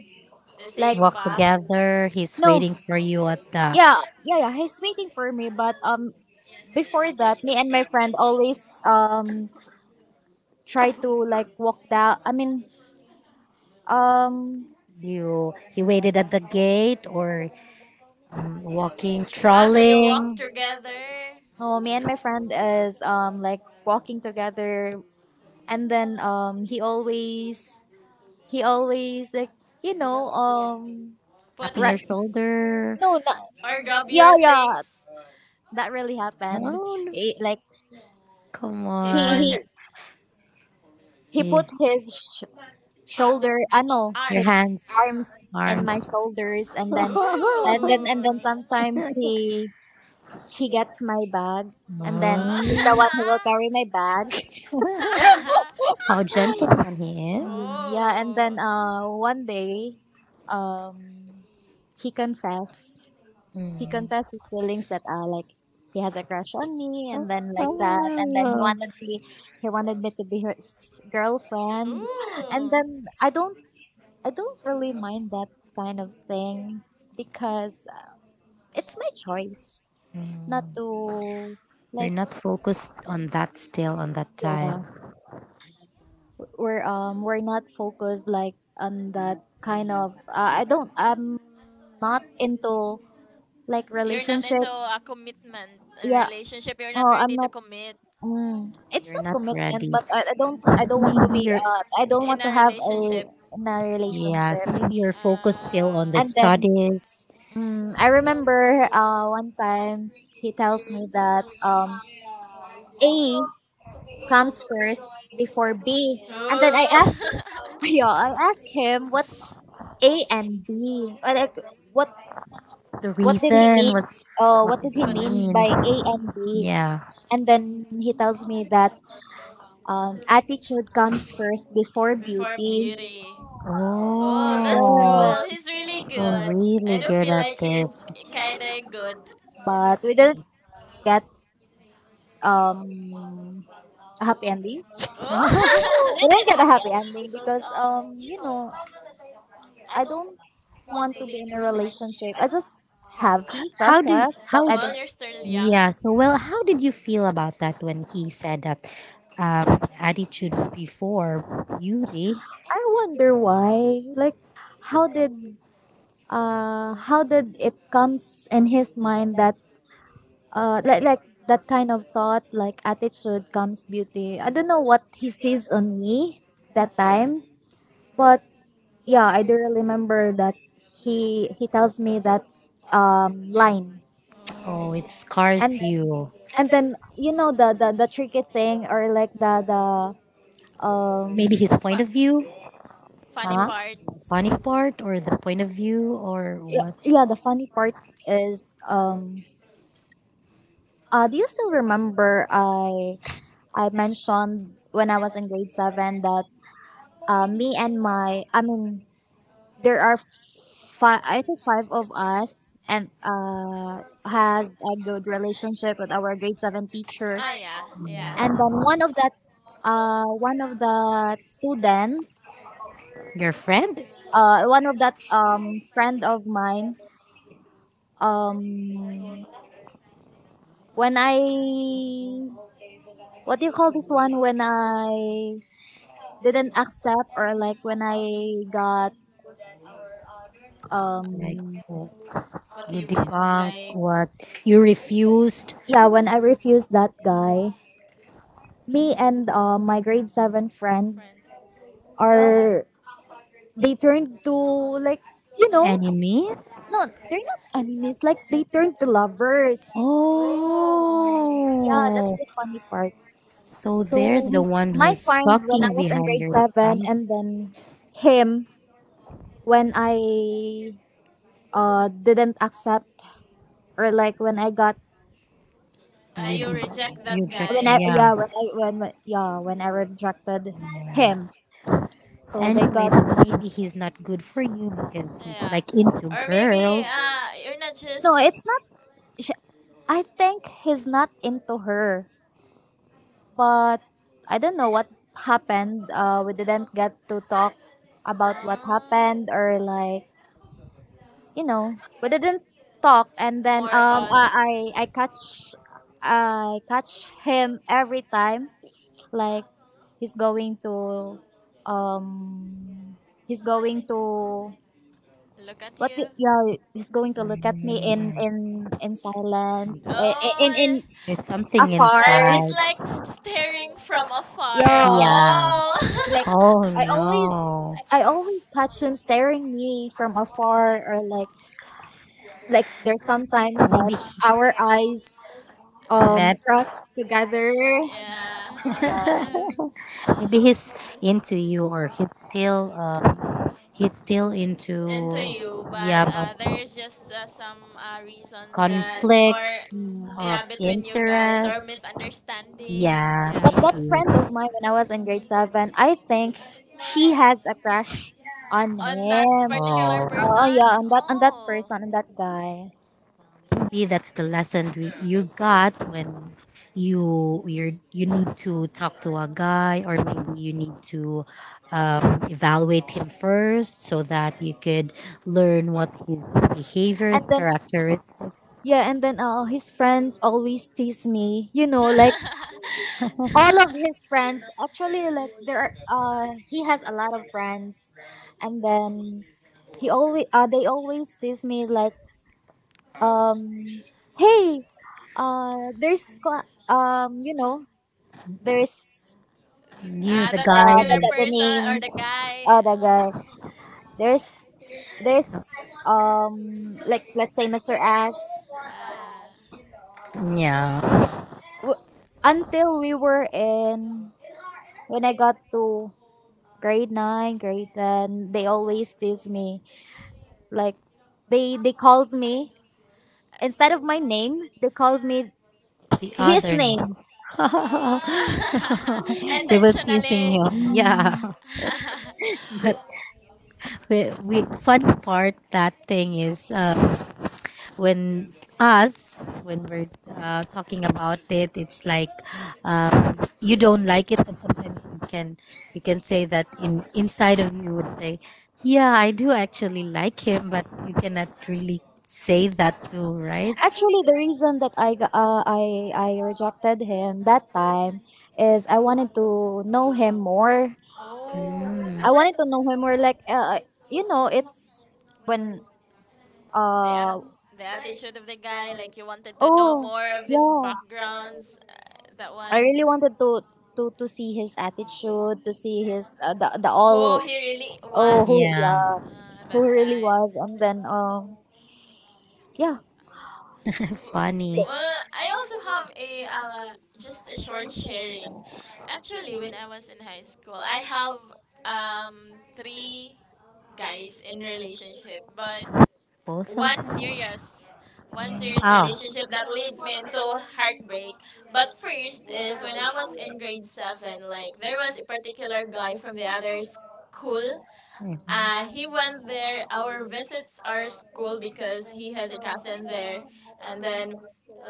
C: the
B: like,
C: same
A: walk
C: path.
A: together. He's
B: no.
A: waiting for you at the,
B: Yeah, yeah, yeah, he's waiting for me. But, before that, me and my friend always, um try to, like, walk down, I mean. um
A: you he waited at the gate, or walking,
C: Ah, so you walk
A: strolling,
C: together.
B: Oh, me and
C: Yeah.
B: my friend is, like, walking together, and then, he always, like, you know um
C: Put
A: tapping your
B: right,
C: his
A: shoulder.
B: no, not.
C: or grab
B: Yeah,
C: your things.
B: yeah, that really happened.
A: Oh, no,
B: He, like,
A: come
C: He
B: he
A: on.
C: put your
B: he he
A: Yeah.
B: put his shoulder,
C: ar-
B: I know,
A: Your
B: his
C: arms.
A: hands,
B: arms in
A: arms.
B: my shoulders. and then
C: Ooh.
B: and then and
C: Oh.
B: then sometimes he gets my bag, and then he's the
A: Mm.
B: one who will carry my bag.
A: How gentleman he is.
B: Yeah, and then, one day, um, he confessed. He
A: Mm.
B: confessed his feelings that, like, he has a crush on me, and then like
A: Oh.
B: that, and then, he wanted me to be his girlfriend. And
C: Oh. Ooh.
B: then, I don't really mind that kind of thing, because it's my choice not
A: Mm.
B: to,
A: You're
B: like,
A: not focused on that still on that time.
B: yeah, we're not focused, like, on that kind of, I'm not into, like,
C: You're not
B: relationship.
C: into a commitment, a
B: Yeah,
C: relationship. You're not
B: oh, I'm
C: ready to
B: not.
C: commit
B: It's
A: You're
B: not
A: not
B: commitment,
A: ready.
B: but I don't want to
A: Maybe
B: be,
A: you're,
B: I don't
C: in
B: want to
C: a
B: have a,
C: relationship.
B: in a
A: yeah,
B: relationship.
A: so maybe you're focused still on
C: Ah.
A: the
B: And then,
A: studies.
B: I remember, one time, he tells me that, A comes first before B. And then I
C: Ooh.
B: ask, yeah, I'll ask him, what's A and B, or like, what
A: The
B: what did he
A: reason,
B: mean
A: what's
B: oh, what did he
A: the
C: What is?
B: mean
A: mean?
B: by A and B?
A: Yeah.
B: And then he tells me that, attitude comes first before
C: Before
B: beauty.
C: beauty. Oh, that's
A: Oh,
B: Yeah.
C: cool. He's really
A: so
C: good. I
A: really
C: do
A: good
C: feel
A: at
C: like he is
A: it.
C: kind of good.
B: But we didn't get, um a happy ending.
C: Oh.
B: We didn't get a happy ending because, I don't want to be in a relationship. I just have few crushes, but
A: How?
B: I
C: Well,
B: don't.
C: you're still young.
A: Yeah. So well, how did you feel about that when he said that, attitude before beauty?
B: I wonder why. Like, how did how did it comes in his mind that, like, that kind of thought, like attitude comes beauty. I don't know what he sees on me that time. But yeah, I do remember that he tells me that, line.
A: Oh, it
C: Oh.
B: and
A: scars you.
B: and then the tricky thing, or like the
A: Maybe
B: um
A: his
C: Fu-
A: point of view,
C: funny
B: huh?
C: part.
A: funny part, or the point of view, or
B: Yeah,
A: what?
B: yeah, the funny part is, do you still remember, I mentioned when I was in grade 7 that, me and my I mean, there are five, I think five of us, and has a good relationship with our grade 7 teacher.
C: Oh yeah, yeah.
B: And then, uh one of the student
A: Your friend?
B: one of that, friend of mine, um when I what do you call this one, when I didn't accept, or like, when I got,
C: Uh, uh,
A: Like
B: um
A: w-
C: what do
A: you
C: you mean?
A: debunk
C: Like
A: what you refused.
B: yeah, when I refused that guy. Me and, my grade 7 friend
C: friend?
B: are, they turned to, like, you know
A: Enemies?
B: no, they're not enemies, like they turned to lovers.
C: Oh.
B: Yeah, that's the
A: Oh,
B: funny part.
A: so
B: So
A: they're the one
B: my
A: who's
B: friend when I
A: talking
B: was in
A: behind
B: grade
A: your back.
B: 7, and then him, when I, didn't accept, or like when I got,
C: You
A: You,
C: reject that
A: you check,
B: when
C: guy.
B: I,
A: yeah.
B: yeah, when I, when yeah, when I rejected him. So they
A: Anyway,
B: got.
A: then maybe he's not good for you because he's
C: Yeah.
A: like into
C: Or maybe
A: girls.
C: you're not
B: No,
C: just
B: it's not sh- I think he's not into her, but I don't know what happened. We didn't get to talk about what
C: uh,
B: happened, or like, you know we didn't talk. And then,
C: more about
B: I catch him every time, like, he's going to um he's going to
C: look at
B: what
C: you.
B: the, yeah, he's going to look at
A: Mm,
B: me, in, silence, in,
C: Oh,
A: there's something
B: afar.
C: like
A: inside.
C: it's like staring from afar.
B: Yeah,
A: Yeah.
C: Oh.
B: like,
A: Oh
B: I always
A: no.
B: I always catch them staring me from afar, or like, there's sometimes that
A: Maybe our
B: our
A: eyes
B: eyes,
A: met, cross
B: cross
A: together.
B: together.
C: yeah.
B: Yeah.
A: Maybe he's into you, or he's still
C: Into
A: into.
C: you, but
A: Yeah, but
C: there is just some reasons that or
A: conflicts of
C: yeah
B: Mm.
C: between you guys or
A: interest.
C: misunderstandings.
A: Yeah,
C: Yeah.
B: But that friend of
A: maybe.
B: mine, when I was in grade 7, I think she has a crush on
C: On that
B: him.
C: particular
A: Oh.
B: Oh
C: person?
B: yeah, on that,
C: Oh.
B: person, on that guy.
A: Maybe that's the lesson we, you got when you, you're, you need to talk to a guy or maybe you need to, evaluate him first so that you could learn what his behaviors
B: And then,
A: characteristics
B: yeah, and then, his friends always tease me, like, all of his friends, actually, like, he has a lot of friends. And then, he always they always tease me, like, um hey, there's, there's,
A: knew
C: Ah,
A: the
C: that
A: guy,
B: the,
C: particular person
B: name,
C: or the guy.
B: the guy, there's, there's like, let's say Mr. X.
C: Ah.
A: yeah,
B: W- until we were in, when I got to grade 9, grade 10, they always tease me. Like, they calls me, instead of my name, they calls me
A: the
B: his
A: other.
B: name.
C: Ah.
A: They were teasing
C: Intentionally.
A: you. Yeah.
B: Mm.
A: But
B: The-
A: we, we fun part that thing is, when us, when we're talking about it, it's like, you don't like it but sometimes you can, you can say that in inside of you would say yeah, I do actually like him but you cannot really say that too, right?
B: Actually, the reason that I rejected him that time is I wanted to know him more.
C: oh.
B: I wanted
A: Mm.
B: to know him more. Like, it's when,
C: The at
B: uh
C: the attitude of the guy, like you wanted to know
B: oh
C: more of his
B: yeah,
C: backgrounds. That one.
B: I really wanted to see his attitude, to see his, the
C: Oh,
B: all
C: he really was
B: oh, who,
A: Yeah.
B: yeah,
C: at that
B: who he really
C: time.
B: was. And then, yeah,
C: W-
A: Funny.
C: Well, I also have a just a short sharing. Actually, when I was in high school, I have um three guys in relationship, but
A: Both of
C: one
A: them.
C: serious, one serious relationship that leads me into heartbreak. But first is when I was in grade seven, like there was a particular guy from the other school.
A: Oh.
C: He went there. Our visits are school because he has a cousin there, and then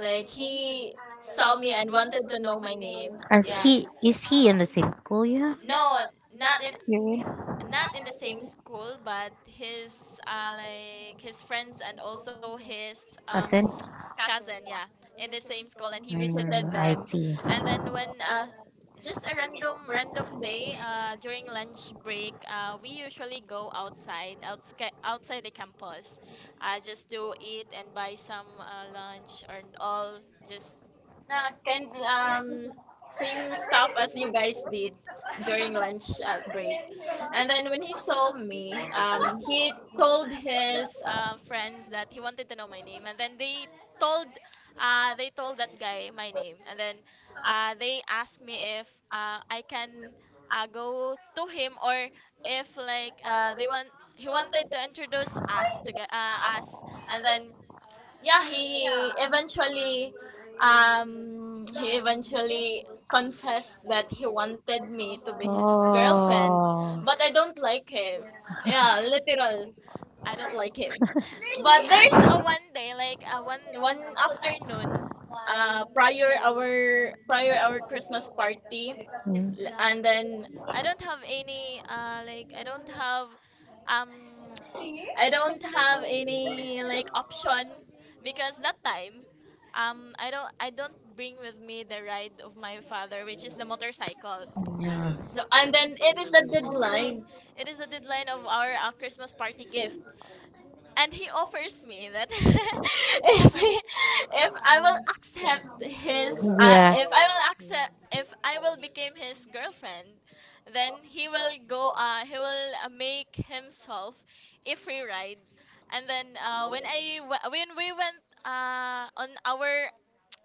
C: like he saw me and wanted to know my name.
A: Are
C: Yeah.
A: he is he in the same school you have?
C: No, not in, not in the same school, but his like his friends and also his um
A: Asen?
C: cousin, yeah, in the same school, and he
A: Yes, it
C: visited
A: Mm, I
C: them.
A: does. See.
C: And then when Just a random random day during lunch break, we usually go outside the campus, just to eat and buy some lunch and all, just kind same stuff as you guys did during lunch break. And then when he saw me, he told his friends that he wanted to know my name. And then told, they told that guy my name. And then they asked me if I can go to him, or if like he wanted to introduce us to us. And then yeah, um he eventually confessed that he wanted me to be his girlfriend,
A: Oh.
C: but I don't like him. Yeah, literal, I don't like him. But there's a one day, like a one afternoon uh, prior our Christmas party.
A: Mm,
C: And then I don't have any like I don't have um I don't have any like option because that time I don't bring with me the ride of my father, which is the motorcycle.
A: yeah.
C: So, and then it is the deadline. It is the deadline of our Christmas party gift, and he offers me that if I will accept his
A: Yeah.
C: if I will accept, if I will become his girlfriend, then he will make himself a free ride. And then when we went on our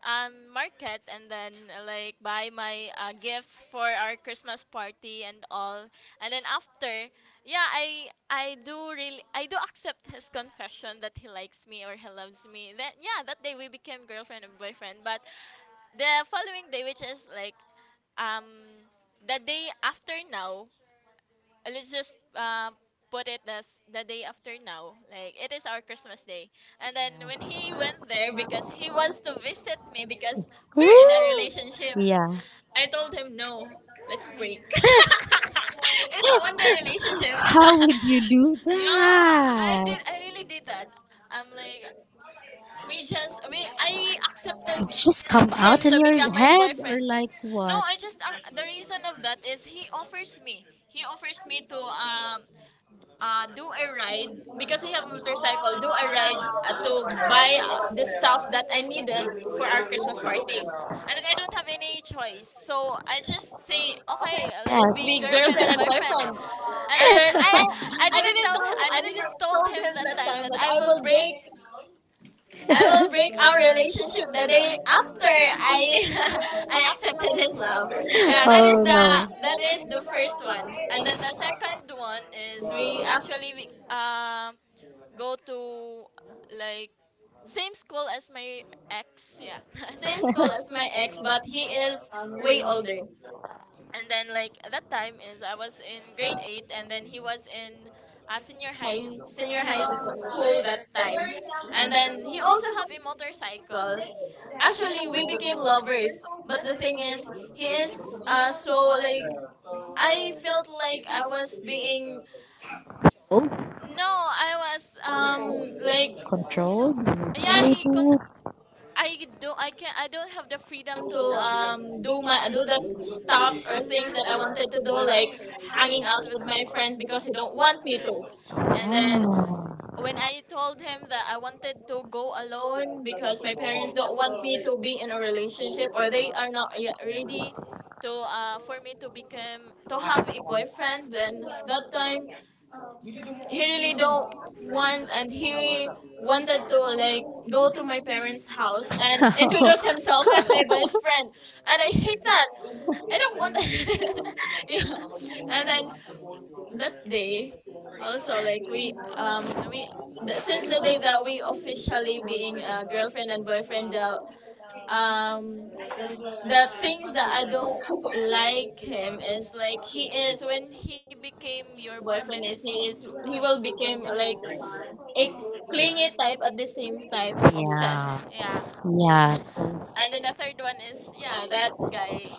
C: market and then like buy my gifts for our Christmas party and all. And then after, yeah, I do accept his confession that he likes me or he loves me. Then yeah, that day we became girlfriend and boyfriend. But the following day, which is like um the day after now, let's just put it as the day after now, like it is our Christmas day. And then when he went there because he wants to visit me because
A: If we're,
C: we're in a
A: woo!
C: relationship,
A: Yeah.
C: I told him no, let's break it's a wonder relationship.
A: How would you do, yeah,
C: Yeah, I
A: I that?
C: did, I really did that. I'm like, we I accepted
A: It's just come him
C: him
A: out in
C: to become
A: your
C: my
A: head or
C: boyfriend.
A: like, no,
C: No,
A: what?
C: I just the reason of that is he offers me. He offers me to do a ride because I have a motorcycle. Do a ride to buy the stuff that I needed for our Christmas party, and then I don't have any choice. So I just say, okay, let's
A: Yes.
C: be girlfriend and boyfriend. And then I didn't told him that time that I will break our relationship the day after I I accepted his love. Yeah, that is the first one, and then the second one is we actually go to, like, same school as my ex. Yeah, same school as my ex, but he is way older. And then, like, at that time is I was in grade eight, and then he was in senior high school that time, and then he also have a motorcycle. Actually, we became lovers, but the thing is, he is so like I felt like I was being,
A: Oh,
C: no, I was like
A: controlled,
C: yeah he con.
A: manipulated.
C: I don't, I can, I don't have the freedom to do my do the stuffs or things that I wanted to do, like hanging out with my friends, because he don't want me to. And then when I told him that I wanted to go alone because my parents don't want me to be in a relationship or they are not yet ready to for me to become, to have a boyfriend, then that time he really don't want, and he wanted to, like, go to my parents' house and introduce himself as my boyfriend. And I hate that. I don't want that. Yeah. And then that day also, like, we um we since the day that we officially being a girlfriend and boyfriend, um the things that I don't like him is like he is when he became your boyfriend is he will become like a clingy type, at the same time obsessed, yeah.
A: Yeah. So,
C: And then the third one is yeah, that guy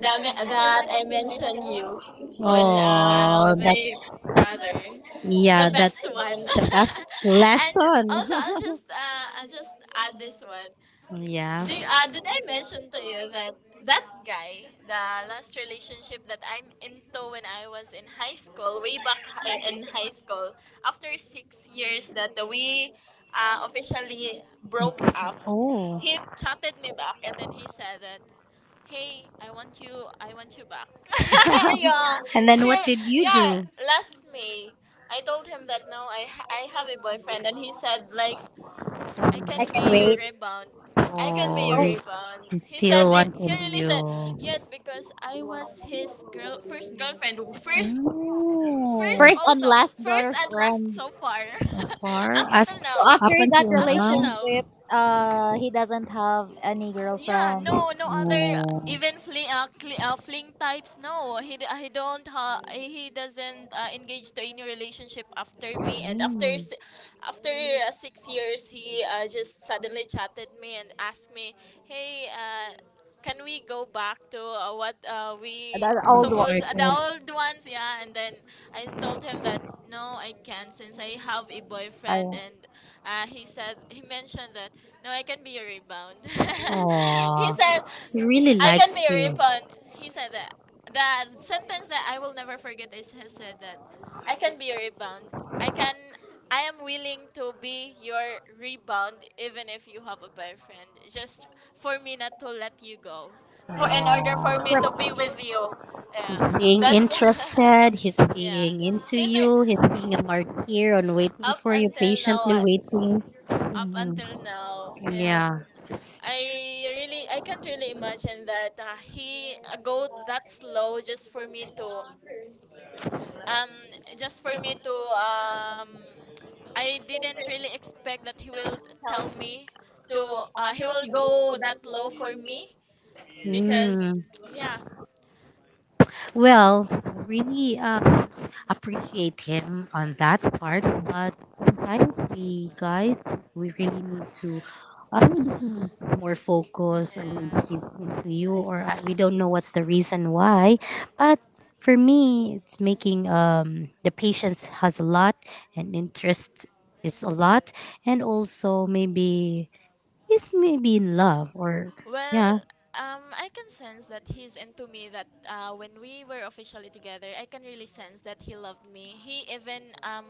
C: that that I mentioned you on with my brother,
A: the
C: the
A: yeah,
C: best one.
A: the best.
C: And also I'll just I'll just add this one.
A: What's yeah.
C: Do you, did I mention to you that that guy, the last relationship that I'm into when I was in high school, way back in high school, after 6 years that we officially broke up,
A: Oh.
C: he chatted me back and then he said that, "Hey, I want you back." Yeah,
A: And
C: still, yeah. Last May, I told him that no, I have a boyfriend, and he said like, I
B: I
C: can
B: can
C: be your
B: wait.
C: rebound. I can be
A: I,
C: your
B: Oh,
C: rebound.
A: he's,
C: He
A: he
C: said, he really said,
A: wanted.
C: yes, because I was his girl, first girlfriend, first. First
B: first
A: Oh,
B: and
C: also,
B: last
C: first and
B: girlfriend.
C: last so far.
A: far
C: Up
A: after as
C: until
B: So
C: now.
B: after
A: up
B: that
A: until
C: Up until now.
B: relationship, he doesn't have any
C: Yeah,
B: girlfriend.
C: no, no other
A: you
C: even fling cli fling types. No, he d- he don't he doesn't engage to any relationship after me. And
A: know
C: after 6 years, he just suddenly chatted me and asked me, "Hey, can we go back to what we
B: The old one.
C: suppose the old ones?" Yeah, and then I told him that no, I can't since I have a boyfriend,
B: Uh,
C: and he said, he mentioned that no, I can be your rebound.
A: he. Aw.
C: He said
A: Really.
C: I can be your rebound. He said that the sentence that I will never forget is he said that I can be your rebound. I can. I am willing to be your rebound even if you have a boyfriend. Just for me not to let you go. For in order for me to be
A: Aw.
C: with you. Yeah.
A: Being that's
C: That's
A: interested, he's, yeah,
C: yeah.
A: being into
C: He's re-
A: you, he's being a martyr on waiting
C: Up
A: for you,
C: until now
A: patiently waiting. Up
C: up
A: Mm,
C: until now.
A: yeah.
C: And
A: Yeah.
C: I really, I can't really imagine that he go that slow just for me to um just for me to I didn't really expect that he will tell me to he will go that low for me because
A: Mm.
C: yeah.
A: Well, really, appreciate him on that part, but sometimes we guys we really need to. Maybe he needs more focus, or maybe
C: Yeah.
A: he's into you, or we don't know what's the reason why. But for me, it's making the patience has a lot, and interest is a lot, and also maybe he's maybe in love, or
C: Well,
A: yeah,
C: I can sense that he's into me. That when we were officially together, I can really sense that he loved me.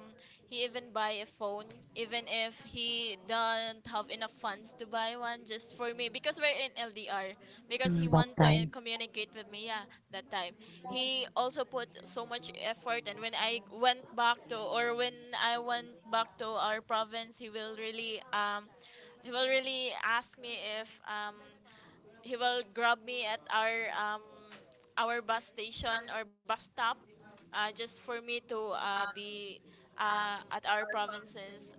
C: He even buy a phone, even if he don't have enough funds to buy one just for me because we're in LDR. Because he
A: that
C: want to
A: time.
C: communicate with me, yeah, that time. He also put so much effort, and when I went back to, or when I went back to our province, he will really ask me if he will grab me at our bus station or bus stop, just for me to be at our provinces.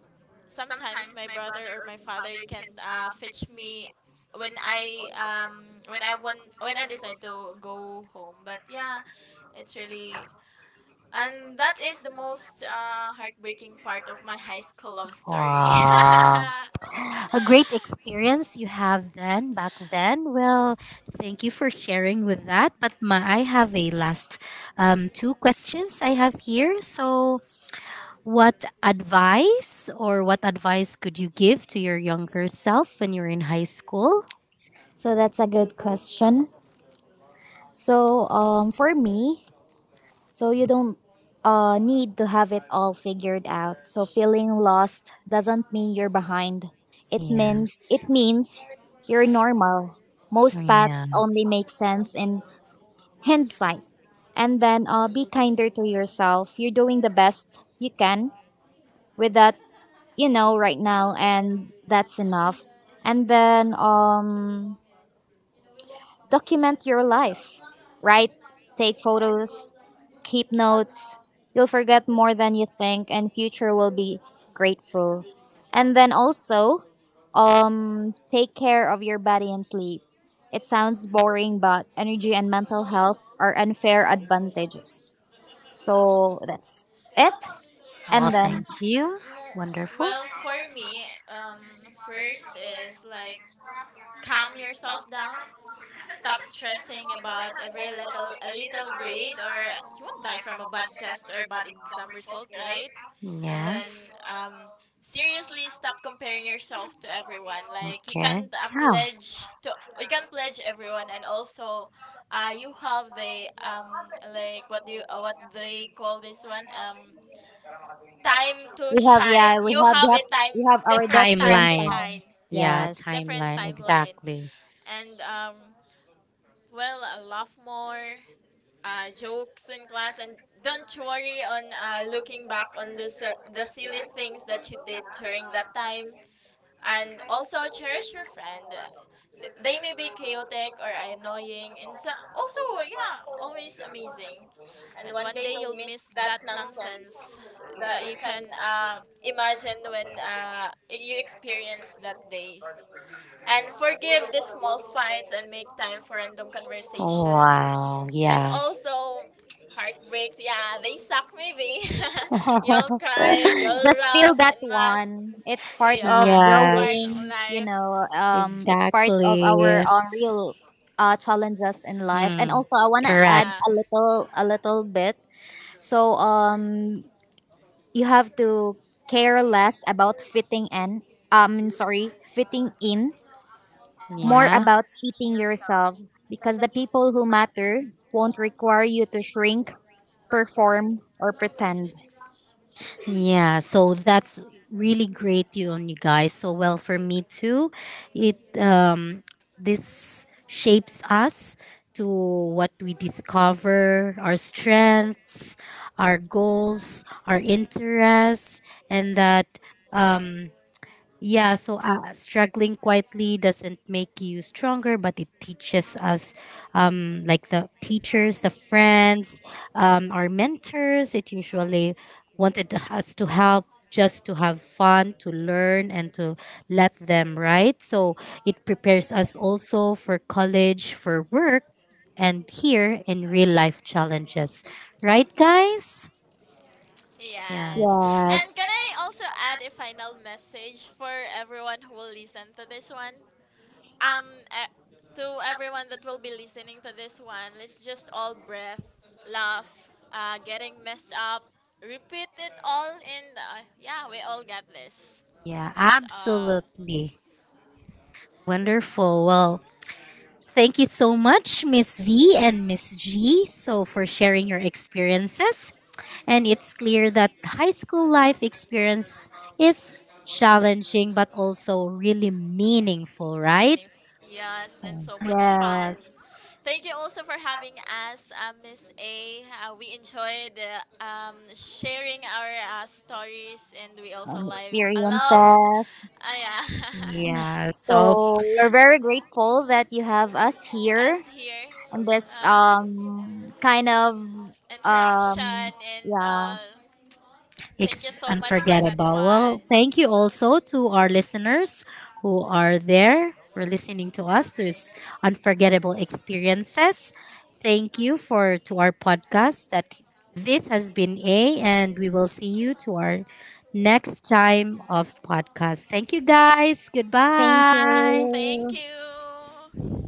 C: Sometimes my brother or my father can't fetch me when I when I want when I decide to go home. But yeah, it's really, and that is the most heartbreaking part of my high school love story.
A: Wow. A great experience you have then, back then. Well, thank you for sharing with that. But I have a last, two questions I have here. So, what advice could you give to your younger self when you're in high school?
B: so that's a good question. So, for me, so you don't, need to have it all figured out. So feeling lost doesn't mean you're behind. It means
A: Yes.
B: it means you're normal. Most
A: Yeah.
B: paths only make sense in hindsight. And then, be kinder to yourself. You're doing the best you can with that, right now, and that's enough. And then, document your life, right? Take photos, keep notes. You'll forget more than you think, and future will be grateful. And then also, take care of your body and sleep. It sounds boring, but energy and mental health are unfair advantages. So that's it.
A: Well,
B: And then,
A: thank you.
C: Mm.
A: Wonderful.
C: Well, for me, first is like calm yourself down. Stop stressing about every little grade, or you won't die from a bad test or bad exam result, right? And then
A: Yes.
C: um, seriously stop comparing yourself to everyone. Like you can't pledge to you can't pledge everyone, and also you have the like what do you, what they call this one,
A: Okay.
C: time to
B: we have
A: Yeah.
C: shine.
B: yeah,
C: You have a time,
B: we have our
C: different time
B: different
C: to
B: time.
C: shine. Yeah,
A: Yeah,
B: Yes.
C: different timeline. And well, laugh more, jokes in class, and don't worry on looking back on the silly things that you did during that time, and also cherish your friend. They may be chaotic or annoying, and so also yeah, always amazing. And one day you'll miss that nonsense that you can imagine when you experience that day. And forgive the small fights and make time for random conversation.
A: wow.
C: And
A: Yeah.
C: also, heartbreaks, yeah, they suck maybe. You'll cry, you'll
B: Just feel
C: laugh,
B: that
C: and math,
B: one. It's part of
C: yeah,
A: Yeah.
C: part of
B: growing,
C: life,
B: it's part of our, real challenges in life. And also I wanna add
C: yeah.
B: a little bit. So, you have to care less about fitting in, sorry, fitting in more about fitting yourself, because the people who matter won't require you to shrink, perform, or pretend.
A: Yeah, so that's really great you on you guys. So well for me too. It this
C: Shapes
A: shapes
C: us
A: us to
C: to
A: what
C: what we
A: we
C: discover,
A: discover,
C: our
A: our
C: strengths,
A: strengths,
C: our
A: our goals,
C: goals,
A: our
C: our interests,
A: interests,
C: and
A: and that
C: that um
A: um, yeah,
C: yeah.
A: so struggling quietly doesn't make you stronger, but it teaches us, like the teachers, the friends, our mentors. It usually wanted us to help just to have fun, to learn, and to let them, right? So it prepares us also for college, for work, and here in real life challenges, right, guys? Yeah,
C: Yes. And can
B: Yes.
C: I also add a final message for everyone who will listen to this one? um uh, to everyone that will be listening to this one, let's just all breath, laugh, getting messed up, repeat it all in the, yeah, we all got this.
A: yeah,
C: That's all.
A: absolutely. Wonderful. Well, thank you so much, Miss V and Miss G, so for sharing your experiences. And it's clear that high school life experience is challenging but also really meaningful, right?
C: Many, yes, and
A: So,
C: so much fun.
B: Yes.
C: Thank you also for having us, Miss A. We enjoyed sharing our stories, and we also
B: And
C: live, I love,
B: experiences.
C: yeah,
A: yeah, so
B: So we're very grateful that you have us here
C: us here,
B: in this,
C: uh,
B: kind of, um
C: interaction and
B: yeah.
C: all. Thank you so much for that
A: unforgettable. Well,
C: one.
A: thank you also to our listeners who are there for listening to us to this unforgettable experiences. Thank you for to our podcast that this has been A and we will see you to our next time of podcast. Thank you, guys.
B: Thank
A: Goodbye.
C: Thank
B: you.
C: you.